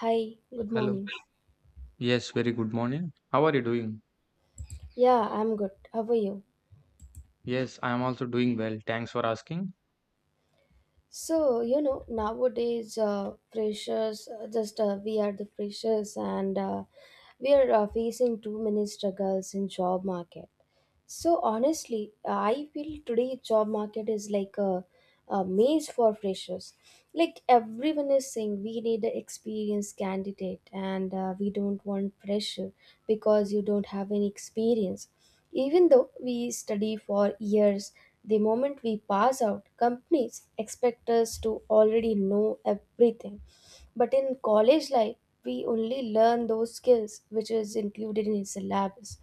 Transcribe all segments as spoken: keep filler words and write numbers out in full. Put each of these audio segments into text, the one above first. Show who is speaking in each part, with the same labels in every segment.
Speaker 1: Hi, good
Speaker 2: Hello.
Speaker 1: morning.
Speaker 2: Yes, very good morning. How are you doing?
Speaker 1: Yeah, I'm good. How are you?
Speaker 2: Yes, I am also doing well. Thanks for asking.
Speaker 1: So, you know, nowadays, uh, freshers, uh, just uh, we are the freshers and uh, we are uh, facing too many struggles in job market. So honestly, I feel today job market is like a, a maze for freshers. Like everyone is saying, we need an experienced candidate, and uh, we don't want fresher because you don't have any experience. Even though we study for years, the moment we pass out, companies expect us to already know everything. But in college life, we only learn those skills which is included in syllabus.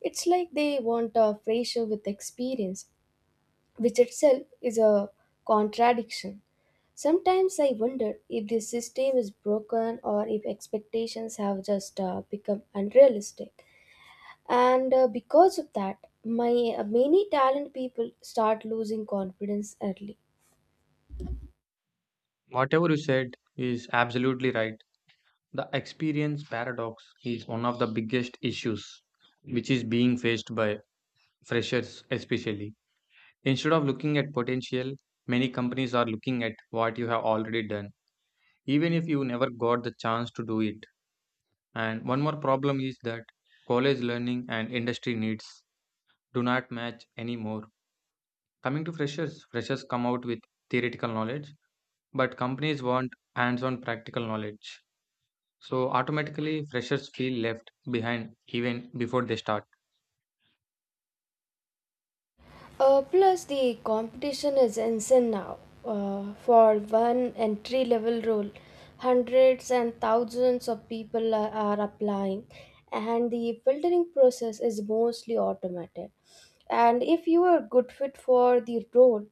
Speaker 1: It's like they want a fresher with experience, which itself is a contradiction. Sometimes I wonder if the system is broken or if expectations have just uh, become unrealistic. And uh, Because of that, my uh, many talent people start losing confidence early.
Speaker 2: Whatever you said is absolutely right. The experience paradox is one of the biggest issues which is being faced by freshers, especially. Instead of looking at potential, many companies are looking at what you have already done, even if you never got the chance to do it. And one more problem is that college learning and industry needs do not match anymore. Coming to freshers, freshers come out with theoretical knowledge, but companies want hands on practical knowledge. So, automatically, freshers feel left behind even before they start.
Speaker 1: Uh, plus, the competition is insane now. Uh, for one entry level role, hundreds and thousands of people are, are applying, and the filtering process is mostly automated. And if you are good fit for the role,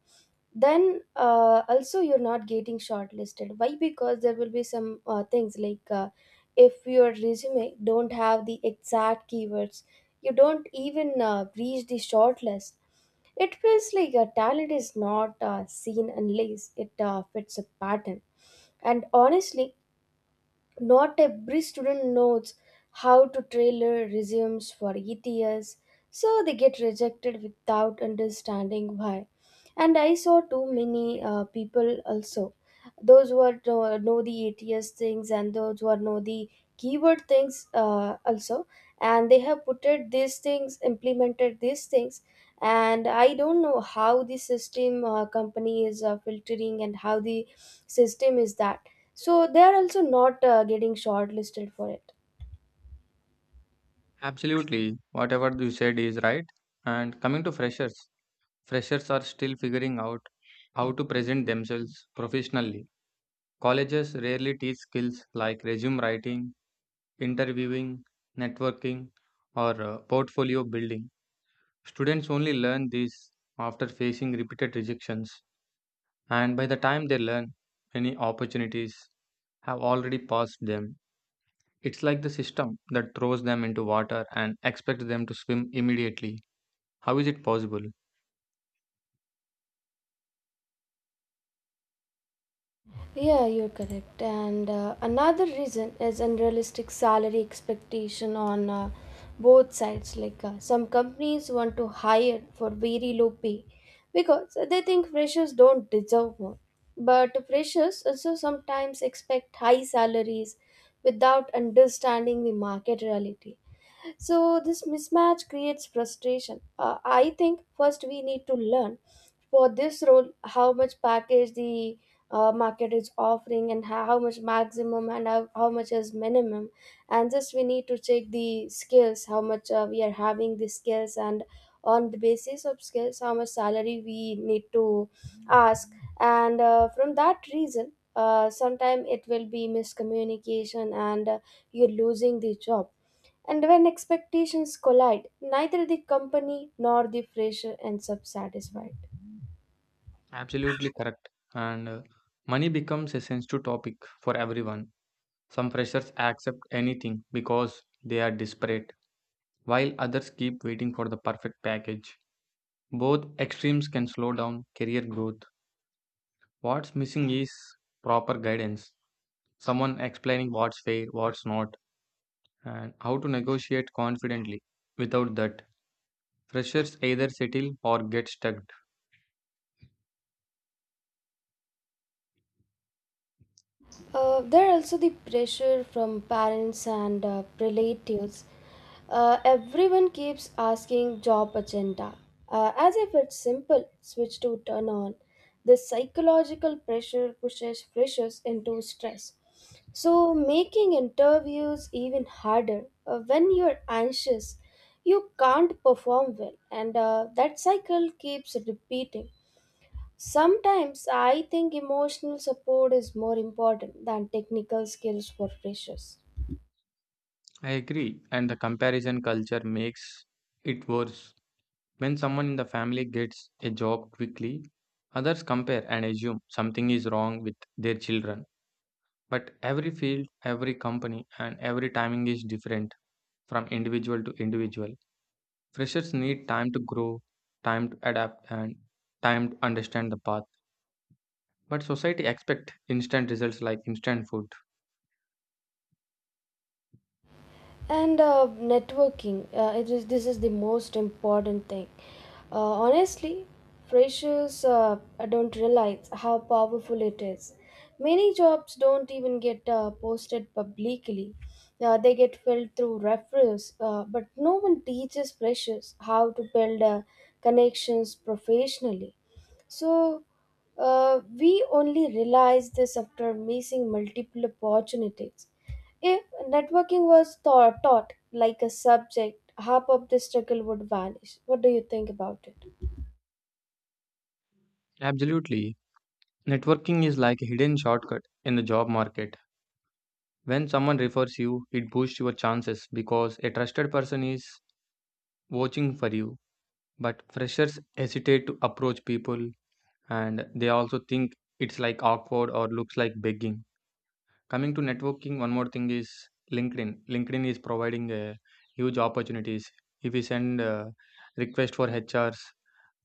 Speaker 1: then uh, also you're not getting shortlisted. Why? Because there will be some uh, things like uh, if your resume don't have the exact keywords, you don't even uh, reach the shortlist. It feels like a talent is not uh, seen unless it uh, fits a pattern. And honestly, not every student knows how to tailor resumes for E T S, so they get rejected without understanding why. And I saw too many uh, people also. Those who are, know, know the E T S things and those who are know the keyword things uh, also. And they have put it these things, implemented these things. And I don't know how the system uh, company is uh, filtering and how the system is that, so they are also not uh, getting shortlisted for it.
Speaker 2: Absolutely, whatever you said is right. And coming to freshers, freshers are still figuring out how to present themselves professionally. Colleges rarely teach skills like resume writing, interviewing, networking, or uh, portfolio building. Students only learn these after facing repeated rejections. And by the time they learn, many opportunities have already passed them. It's like the system that throws them into water and expects them to swim immediately. How is it possible?
Speaker 1: Yeah, you're correct. And uh, Another reason is unrealistic salary expectation on uh, both sides. Like uh, some companies want to hire for very low pay because they think freshers don't deserve more. But freshers also sometimes expect high salaries without understanding the market reality. So this mismatch creates frustration. Uh, I think first we need to learn for this role how much package the uh, market is offering and how, how much maximum and how, how much is minimum, and just we need to check the skills how much uh, we are having the skills and on the basis of skills how much salary we need to ask. And uh, From that reason uh, sometime it will be miscommunication and uh, you're losing the job, and when expectations collide neither the company nor the fresher ends up satisfied.
Speaker 2: Absolutely correct. And uh, money becomes a sensitive topic for everyone. Some freshers accept anything because they are desperate, while others keep waiting for the perfect package. Both extremes can slow down career growth. What's missing is proper guidance, someone explaining what's fair, what's not, and how to negotiate confidently. Without that, freshers either settle or get stuck.
Speaker 1: Uh, there are also the pressure from parents and uh, relatives. Uh, everyone keeps asking job agenda. Uh, as if it's simple, switch to turn on. This psychological pressure pushes freshers into stress, so making interviews even harder. Uh, when you're anxious, you can't perform well, and uh, that cycle keeps repeating. Sometimes I think emotional support is more important than technical skills for freshers.
Speaker 2: I agree, and the comparison culture makes it worse. When someone in the family gets a job quickly, others compare and assume something is wrong with their children. But every field, every company, and every timing is different from individual to individual. Freshers need time to grow, time to adapt, and time to understand the path. But society expect instant results like instant food.
Speaker 1: And uh, networking uh, it is this is the most important thing, uh, honestly. Freshers uh, don't realize how powerful it is. Many jobs don't even get uh, posted publicly. Uh, they get filled through referrals, uh, but no one teaches freshers how to build uh, connections professionally. So uh, we only realize this after missing multiple opportunities. If networking was thought, taught like a subject, half of the struggle would vanish. What do you think about it?
Speaker 2: Absolutely. Networking is like a hidden shortcut in the job market. When someone refers you, it boosts your chances because a trusted person is watching for you. But freshers hesitate to approach people and they also think it's like awkward or looks like begging. Coming to networking, one more thing is LinkedIn. LinkedIn is providing uh, huge opportunities. If you send a request for H Rs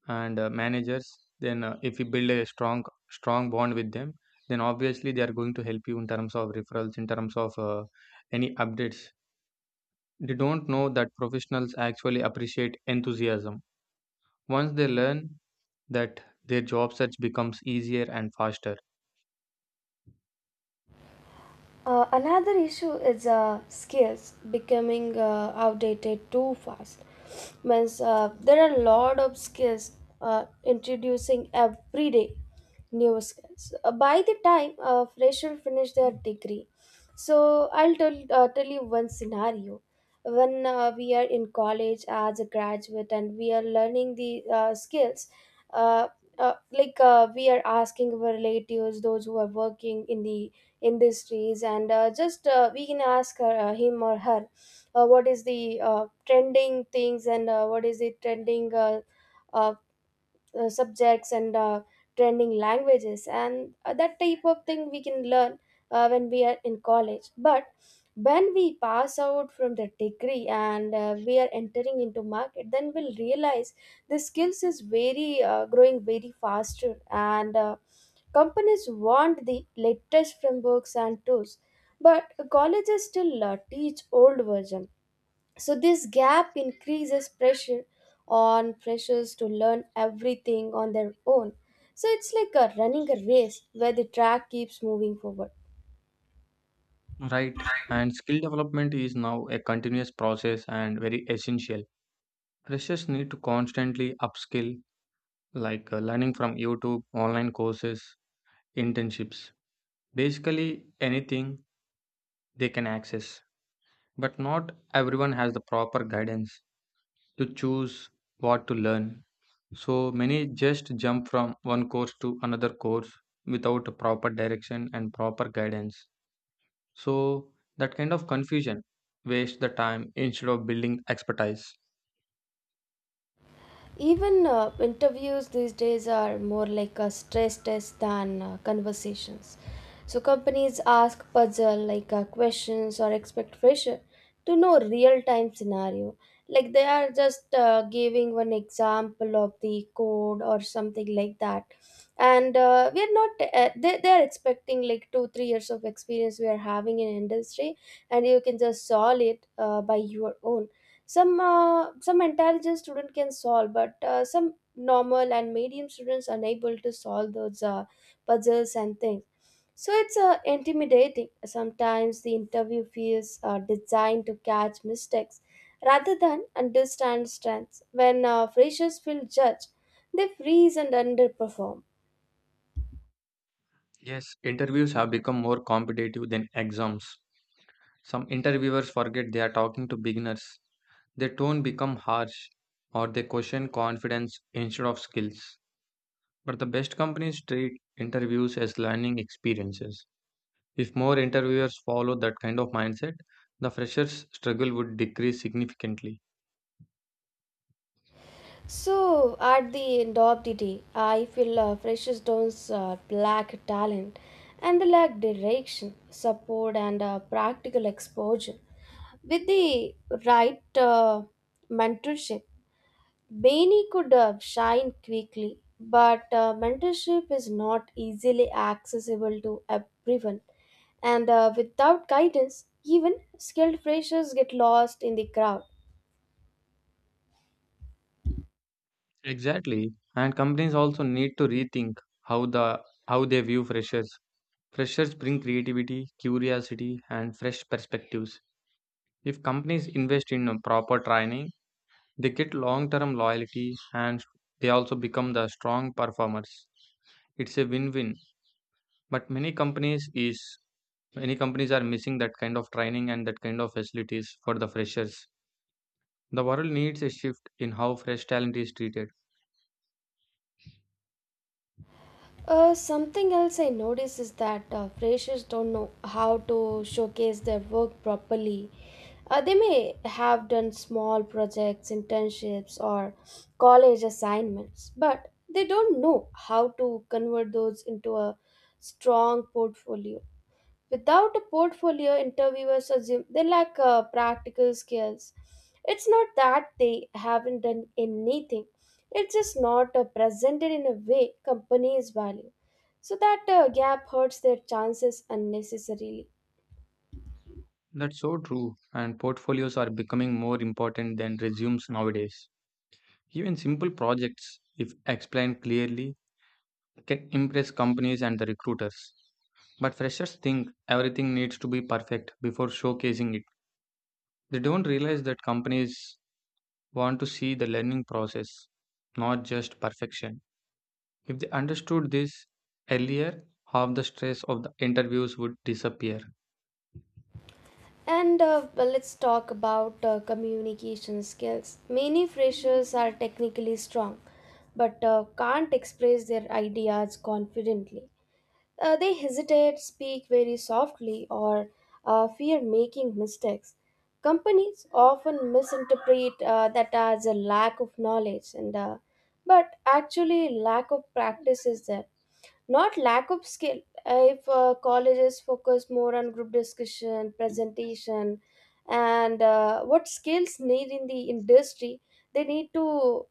Speaker 2: and uh, managers, then uh, if you build a strong strong bond with them, then obviously they are going to help you in terms of referrals, in terms of uh, any updates. They don't know that professionals actually appreciate enthusiasm. Once they learn that, their job search becomes easier and faster.
Speaker 1: Uh, another issue is uh, skills becoming uh, outdated too fast. Means uh, there are a lot of skills uh, introducing every day new skills. Uh, by the time a fresher finish their degree, so I'll tell uh, tell you one scenario. When uh, we are in college as a graduate and we are learning the uh, skills, uh, uh, like uh, we are asking our relatives, those who are working in the industries, and uh, just uh, we can ask her, uh, him or her uh, what is the uh, trending things and uh, what is the trending uh, uh, uh, subjects and uh, trending languages and uh, that type of thing we can learn uh, when we are in college. But when we pass out from the degree and uh, we are entering into market, then we'll realize the skills is very uh, growing very faster, and uh, companies want the latest frameworks and tools, but colleges still uh, teach old version. So this gap increases pressure on freshers to learn everything on their own. So it's like a running a race where the track keeps moving forward.
Speaker 2: Right. And skill development is now a continuous process and very essential. Freshers need to constantly upskill, like uh, learning from youtube online courses, internships, basically anything they can access, but not everyone has the proper guidance to choose what to learn. So many just jump from one course to another course without a proper direction and proper guidance. So that kind of confusion wastes the time instead of building expertise.
Speaker 1: Even uh, interviews these days are more like a stress test than uh, conversations. So companies ask puzzle like uh, questions or expect fresher to know real time scenario. Like they are just uh, giving one example of the code or something like that, and uh, we are not. Uh, they they are expecting like two three years of experience we are having in industry, and you can just solve it uh, by your own. Some uh, some intelligent student can solve, but uh, some normal and medium students unable to solve those uh, puzzles and things. So it's uh, intimidating. Sometimes the interview feels uh, designed to catch mistakes rather than understand strengths. When uh, freshers feel judged, they freeze and underperform.
Speaker 2: Yes, interviews have become more competitive than exams. Some interviewers forget they are talking to beginners. Their tone become harsh or they question confidence instead of skills. But the best companies treat interviews as learning experiences. If more interviewers follow that kind of mindset, the freshers' struggle would decrease significantly.
Speaker 1: So, at the end of the day, I feel uh, Precious Stone's uh, black talent and the lack direction, support, and uh, practical exposure. With the right uh, mentorship, Bainey could uh, shine quickly, but uh, mentorship is not easily accessible to everyone. And uh, Without guidance, even skilled freshers get lost in the crowd.
Speaker 2: Exactly. And companies also need to rethink how the how they view freshers. Freshers bring creativity, curiosity, and fresh perspectives. If companies invest in a proper training, they get long-term loyalty and they also become the strong performers. It's a win-win. But many companies is Many companies are missing that kind of training and that kind of facilities for the freshers. The world needs a shift in how fresh talent is treated.
Speaker 1: Uh, something else I notice is that uh, freshers don't know how to showcase their work properly. Uh, they may have done small projects, internships, or college assignments, but they don't know how to convert those into a strong portfolio. Without a portfolio, interviewers assume they lack uh, practical skills. It's not that they haven't done anything, it's just not uh, presented in a way companies value. So that uh, gap hurts their chances unnecessarily.
Speaker 2: That's so true, and portfolios are becoming more important than resumes nowadays. Even simple projects, if explained clearly, can impress companies and the recruiters. But freshers think everything needs to be perfect before showcasing it. They don't realize that companies want to see the learning process, not just perfection. If they understood this earlier, half the stress of the interviews would disappear.
Speaker 1: And uh, well, let's talk about uh, communication skills. Many freshers are technically strong but uh, can't express their ideas confidently. Uh, they hesitate, speak very softly, or uh, fear making mistakes. Companies often misinterpret uh, that as a lack of knowledge, and uh, but actually, lack of practice is there, not lack of skill. Uh, if uh, colleges focus more on group discussion, presentation, and uh, what skills need in the industry, they need to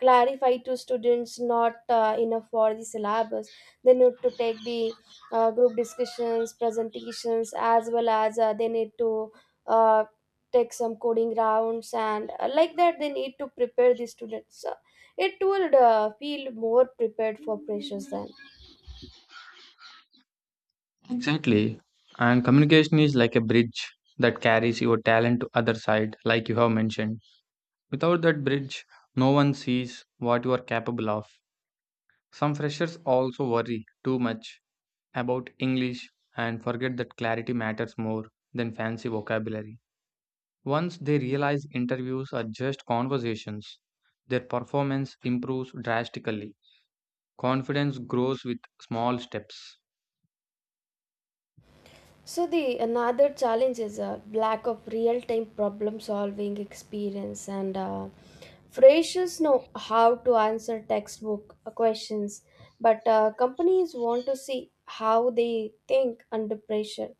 Speaker 1: clarify to students not uh, enough for the syllabus. They need to take the uh, group discussions presentations, as well as uh, they need to uh, take some coding rounds and uh, like that they need to prepare the students. Uh, it would uh, feel more prepared for pressures then.
Speaker 2: Exactly. And communication is like a bridge that carries your talent to other side like you have mentioned. Without that bridge, no one sees what you are capable of. Some freshers also worry too much about English and forget that clarity matters more than fancy vocabulary. Once they realize interviews are just conversations, their performance improves drastically. Confidence grows with small steps.
Speaker 1: So the another challenge is a lack of real-time problem-solving experience, and uh, freshers know how to answer textbook uh, questions, but uh, companies want to see how they think under pressure,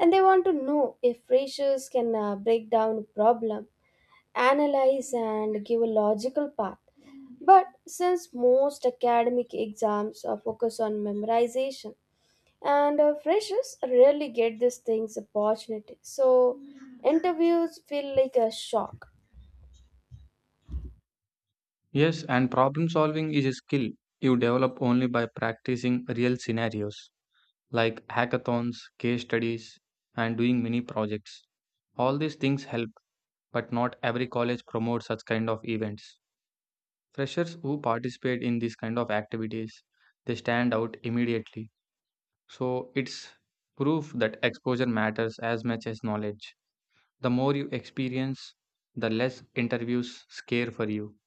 Speaker 1: and they want to know if freshers can uh, break down a problem, analyze, and give a logical path. But since most academic exams are focused on memorization, and uh, freshers rarely get these things opportunity, so interviews feel like a shock.
Speaker 2: Yes, and problem solving is a skill you develop only by practicing real scenarios like hackathons, case studies, and doing mini projects. All these things help, but not every college promotes such kind of events. Freshers who participate in these kind of activities, they stand out immediately. So it's proof that exposure matters as much as knowledge. The more you experience, the less interviews scare for you.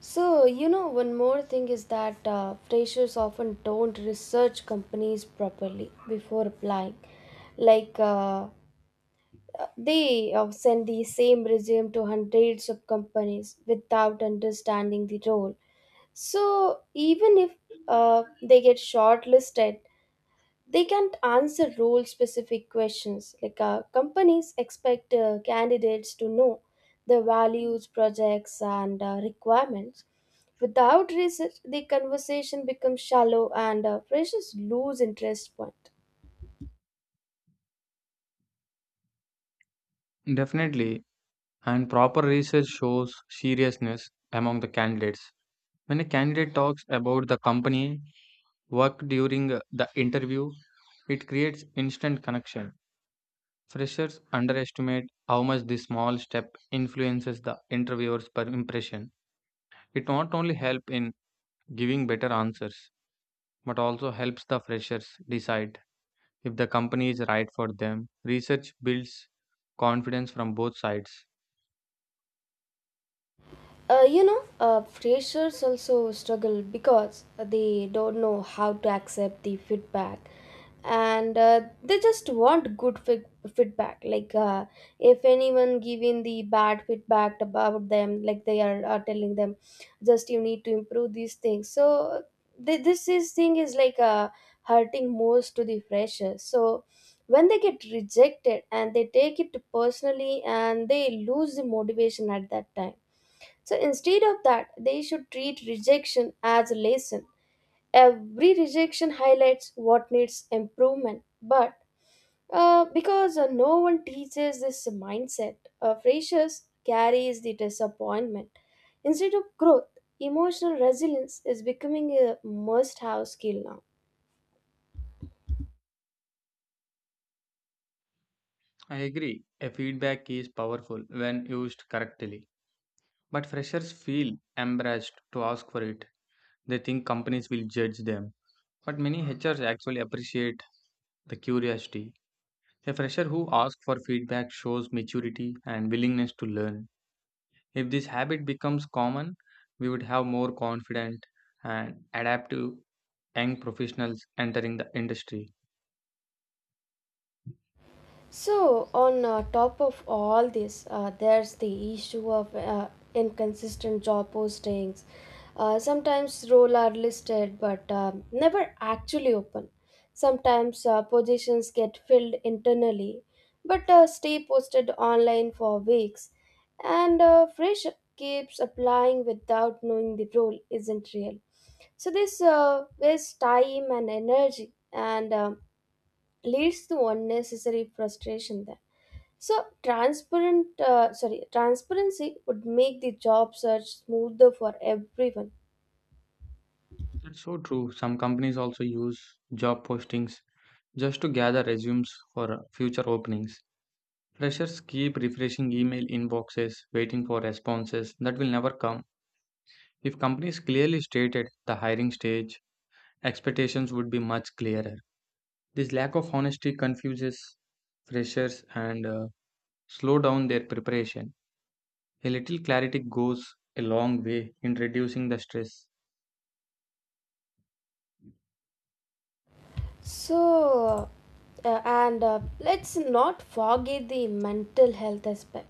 Speaker 1: so you know One more thing is that uh, freshers often don't research companies properly before applying. like uh, they uh, send the same resume to hundreds of companies without understanding the role. So even if uh, they get shortlisted, they can't answer role specific questions. Like uh, companies expect uh, candidates to know the values projects and uh, requirements. Without research, the conversation becomes shallow and uh, pressures lose interest point.
Speaker 2: Definitely, and proper research shows seriousness among the candidates. When a candidate talks about the company work during uh, the interview, it creates instant connection. Freshers underestimate how much this small step influences the interviewer's per impression. It not only helps in giving better answers, but also helps the freshers decide if the company is right for them. Research builds confidence from both sides.
Speaker 1: Uh, you know, uh, freshers also struggle because they don't know how to accept the feedback, and uh, they just want good feed- feedback. Like, uh, if anyone giving the bad feedback about them, like they are are telling them, just you need to improve these things. So th- this is thing is like uh, hurting most to the freshers. So when they get rejected and they take it personally and they lose the motivation at that time, so instead of that, they should treat rejection as a lesson. Every rejection highlights what needs improvement. But uh, because uh, no one teaches this mindset, uh, freshers carries the disappointment. Instead of growth, emotional resilience is becoming a must-have skill now.
Speaker 2: I agree. A feedback is powerful when used correctly. But freshers feel embarrassed to ask for it. They think companies will judge them. But many H Rs actually appreciate the curiosity. A fresher who asks for feedback shows maturity and willingness to learn. If this habit becomes common, we would have more confident and adaptive young professionals entering the industry.
Speaker 1: So, on uh, top of all this, uh, there's the issue of uh, inconsistent job postings. Uh, sometimes roles are listed but um, never actually open. Sometimes uh, positions get filled internally but uh, stay posted online for weeks. And uh, fresh keeps applying without knowing the role isn't real. So, this uh, wastes time and energy and um leads to unnecessary frustration then. So transparent, uh, sorry, transparency would make the job search smoother for everyone.
Speaker 2: That's so true. Some companies also use job postings just to gather resumes for future openings. Freshers keep refreshing email inboxes, waiting for responses that will never come. If companies clearly stated the hiring stage, expectations would be much clearer. This lack of honesty confuses freshers and uh, slow down their preparation. A little clarity goes a long way in reducing the stress.
Speaker 1: So, uh, and uh, Let's not forget the mental health aspect.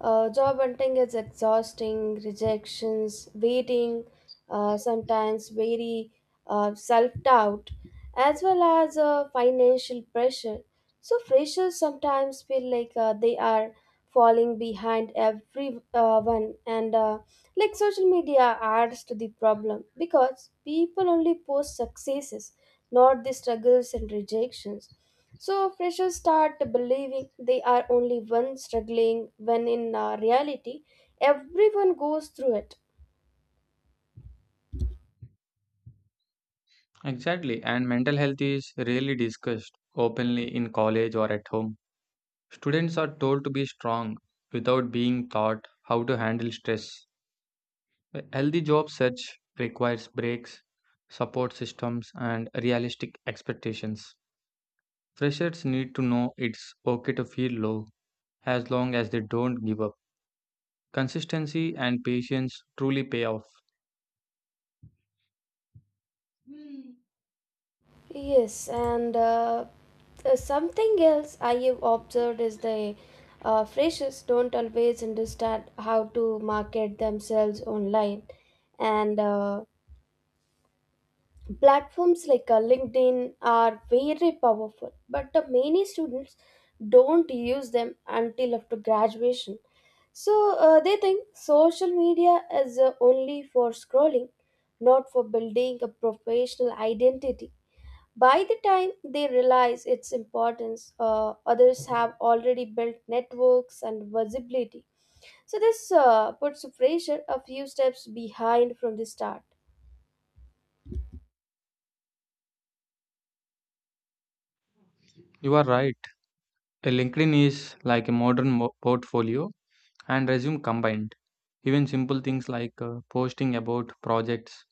Speaker 1: Uh, job hunting is exhausting. Rejections, waiting, uh, sometimes very uh, self doubt, as well as uh, financial pressure. So, freshers sometimes feel like uh, they are falling behind everyone and uh, like social media adds to the problem because people only post successes, not the struggles and rejections. So freshers start believing they are only one struggling when in uh, reality everyone goes through it.
Speaker 2: Exactly, and mental health is rarely discussed openly in college or at home. Students are told to be strong without being taught how to handle stress. A healthy job search requires breaks, support systems, and realistic expectations. Freshers need to know it's okay to feel low as long as they don't give up. Consistency and patience truly pay off.
Speaker 1: Yes, and uh, uh, something else I have observed is the uh, freshers don't always understand how to market themselves online, and uh, platforms like uh, LinkedIn are very powerful. But uh, many students don't use them until after graduation. So uh, they think social media is uh, only for scrolling, not for building a professional identity. By the time they realize its importance, uh, others have already built networks and visibility. So, this uh, puts freshers a few steps behind from the start.
Speaker 2: You are right. A LinkedIn is like a modern mo- portfolio and resume combined. Even simple things like uh, posting about projects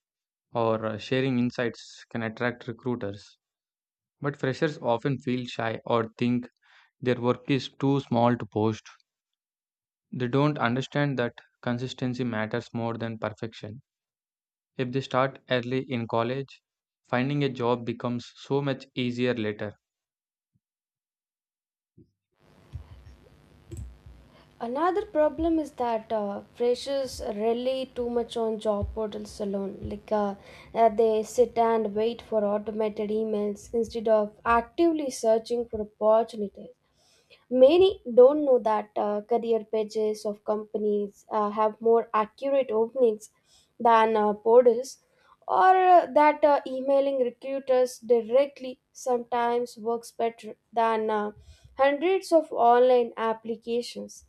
Speaker 2: or uh, sharing insights can attract recruiters. But freshers often feel shy or think their work is too small to post. They don't understand that consistency matters more than perfection. If they start early in college, finding a job becomes so much easier later.
Speaker 1: Another problem is that uh, freshers rely too much on job portals alone. Like uh, uh, they sit and wait for automated emails instead of actively searching for opportunities. Many don't know that uh, career pages of companies uh, have more accurate openings than uh, portals, or uh, that uh, emailing recruiters directly sometimes works better than uh, hundreds of online applications.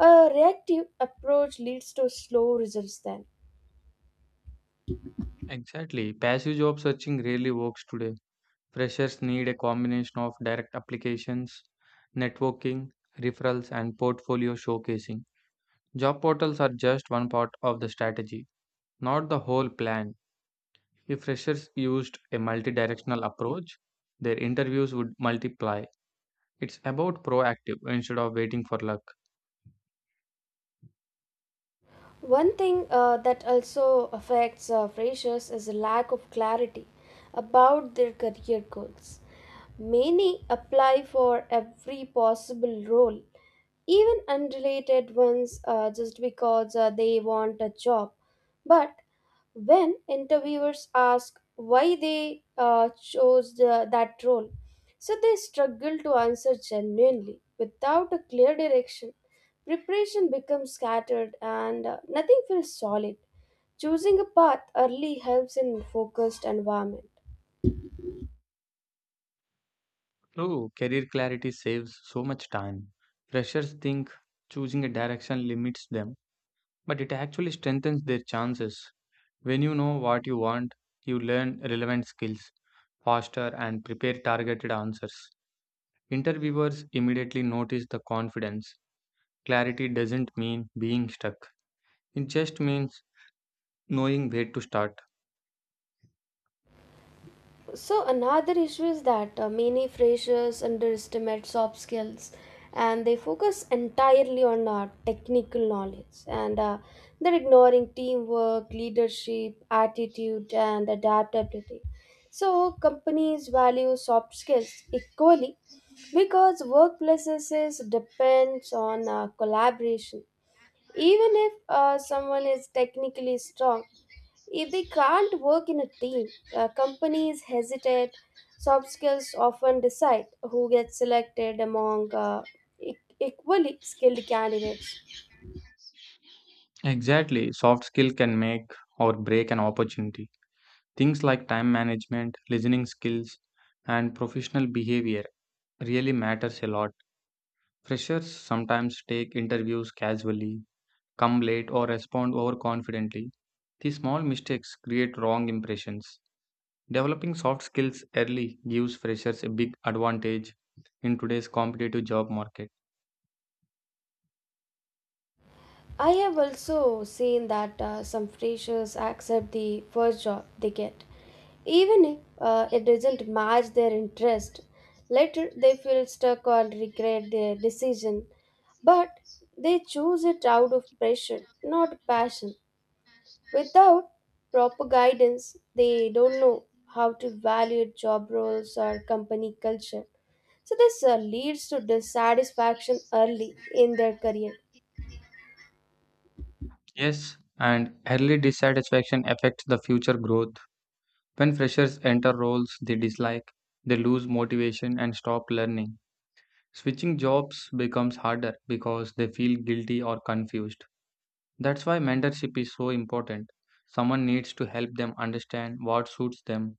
Speaker 1: A reactive approach leads to slow results then.
Speaker 2: Exactly. Passive job searching rarely works today. Freshers need a combination of direct applications, networking, referrals, and portfolio showcasing. Job portals are just one part of the strategy, not the whole plan. If freshers used a multidirectional approach, their interviews would multiply. It's about proactive instead of waiting for luck.
Speaker 1: One thing uh, that also affects uh, freshers is a lack of clarity about their career goals. Many apply for every possible role, even unrelated ones, uh, just because uh, they want a job. But when interviewers ask why they uh, chose the, that role, so they struggle to answer genuinely without a clear direction. Preparation becomes scattered and uh, nothing feels solid. Choosing a path early helps in focused environment.
Speaker 2: True, career clarity saves so much time. Freshers think choosing a direction limits them, but it actually strengthens their chances. When you know what you want, you learn relevant skills faster and prepare targeted answers. Interviewers immediately notice the confidence. Clarity doesn't mean being stuck. It just means knowing where to start.
Speaker 1: So another issue is that uh, many freshers underestimate soft skills and they focus entirely on uh, technical knowledge, and uh, they're ignoring teamwork, leadership, attitude and adaptability. So companies value soft skills equally because workplaces depends on uh, collaboration. Even if uh, someone is technically strong, if they can't work in a team, uh, companies hesitate. Soft skills often decide who gets selected among uh, e- equally skilled candidates.
Speaker 2: Exactly, soft skill can make or break an opportunity. Things like time management, listening skills, and professional behavior really matters a lot. Freshers sometimes take interviews casually, come late or respond overconfidently. These small mistakes create wrong impressions. Developing soft skills early gives freshers a big advantage in today's competitive job market.
Speaker 1: I have also seen that uh, some freshers accept the first job they get, even if uh, it doesn't match their interest. Later, they feel stuck or regret their decision. But they choose it out of pressure, not passion. Without proper guidance, they don't know how to value job roles or company culture. So, this uh, leads to dissatisfaction early in their career.
Speaker 2: Yes, and early dissatisfaction affects the future growth. When freshers enter roles they dislike, they lose motivation and stop learning. Switching jobs becomes harder because they feel guilty or confused. That's why mentorship is so important. Someone needs to help them understand what suits them.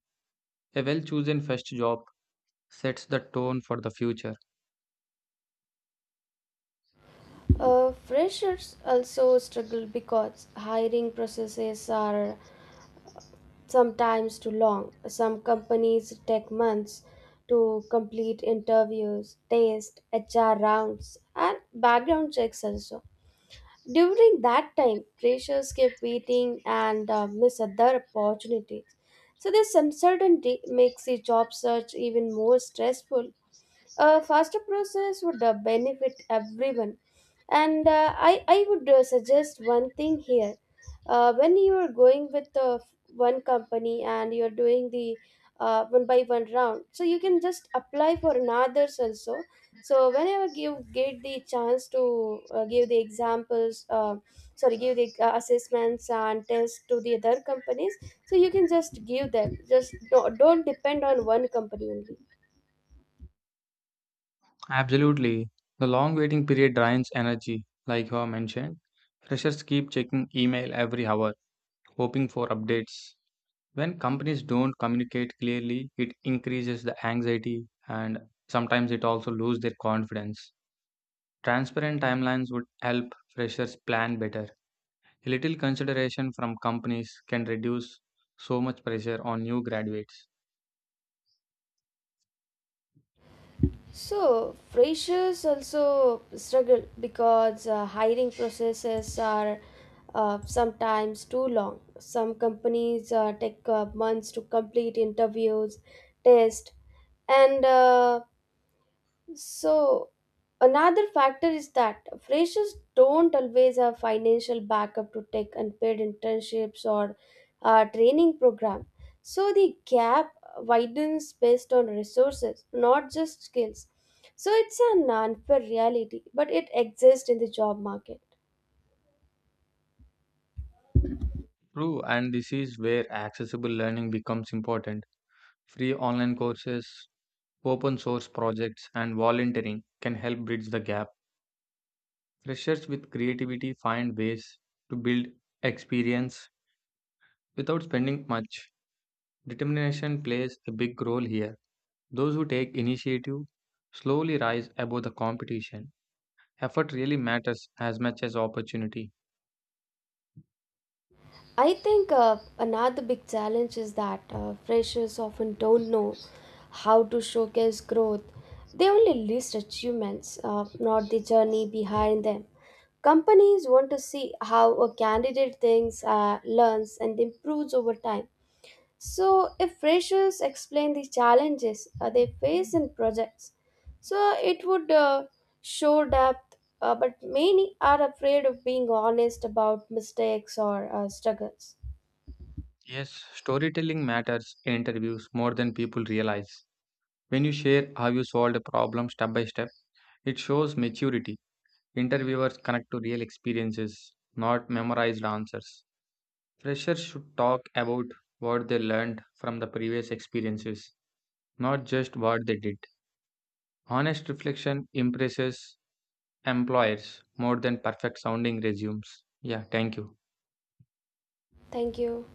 Speaker 2: A well chosen first job sets the tone for the future.
Speaker 1: Uh, freshers also struggle because hiring processes are sometimes too long. Some companies take months to complete interviews, tests, H R rounds, and background checks also. During that time, pressures kept waiting and uh, miss other opportunities. So this uncertainty makes the job search even more stressful. A faster process would uh, benefit everyone. And uh, I, I would uh, suggest one thing here. Uh, when you are going with uh, one company and you're doing the uh, one by one round, so you can just apply for another's also. So whenever you get the chance to uh, give the examples, uh, sorry, give the uh, assessments and tests to the other companies, so you can just give them. Just do don't depend on one company only.
Speaker 2: Absolutely. The long waiting period drains energy, like you have mentioned. Freshers keep checking email every hour hoping for updates. When companies don't communicate clearly, it increases the anxiety and sometimes it also lose their confidence. Transparent timelines would help freshers plan better. A little consideration from companies can reduce so much pressure on new graduates.
Speaker 1: So freshers also struggle because uh, hiring processes are uh, sometimes too long. Some companies uh, take uh, months to complete interviews, tests, and uh, so, another factor is that freshers don't always have financial backup to take unpaid internships or uh, training program. So, the gap widens based on resources, not just skills. So, it's an unfair reality, but it exists in the job market.
Speaker 2: True, and this is where accessible learning becomes important. Free online courses, open source projects, and volunteering can help bridge the gap. Freshers with creativity find ways to build experience without spending much. Determination plays a big role here. Those who take initiative slowly rise above the competition. Effort really matters as much as opportunity.
Speaker 1: I think uh, another big challenge is that uh, freshers often don't know how to showcase growth. They only list achievements, uh, not the journey behind them. Companies want to see how a candidate thinks, uh, learns, and improves over time. So, if freshers explain the challenges uh, they face in projects, so it would uh, show depth. Uh, but many are afraid of being honest about mistakes or uh, struggles.
Speaker 2: Yes, storytelling matters in interviews more than people realize. When you share how you solved a problem step by step, it shows maturity. Interviewers connect to real experiences, not memorized answers. Freshers should talk about what they learned from the previous experiences, not just what they did. Honest reflection impresses employers more than perfect sounding resumes. Yeah, thank you.
Speaker 1: Thank you.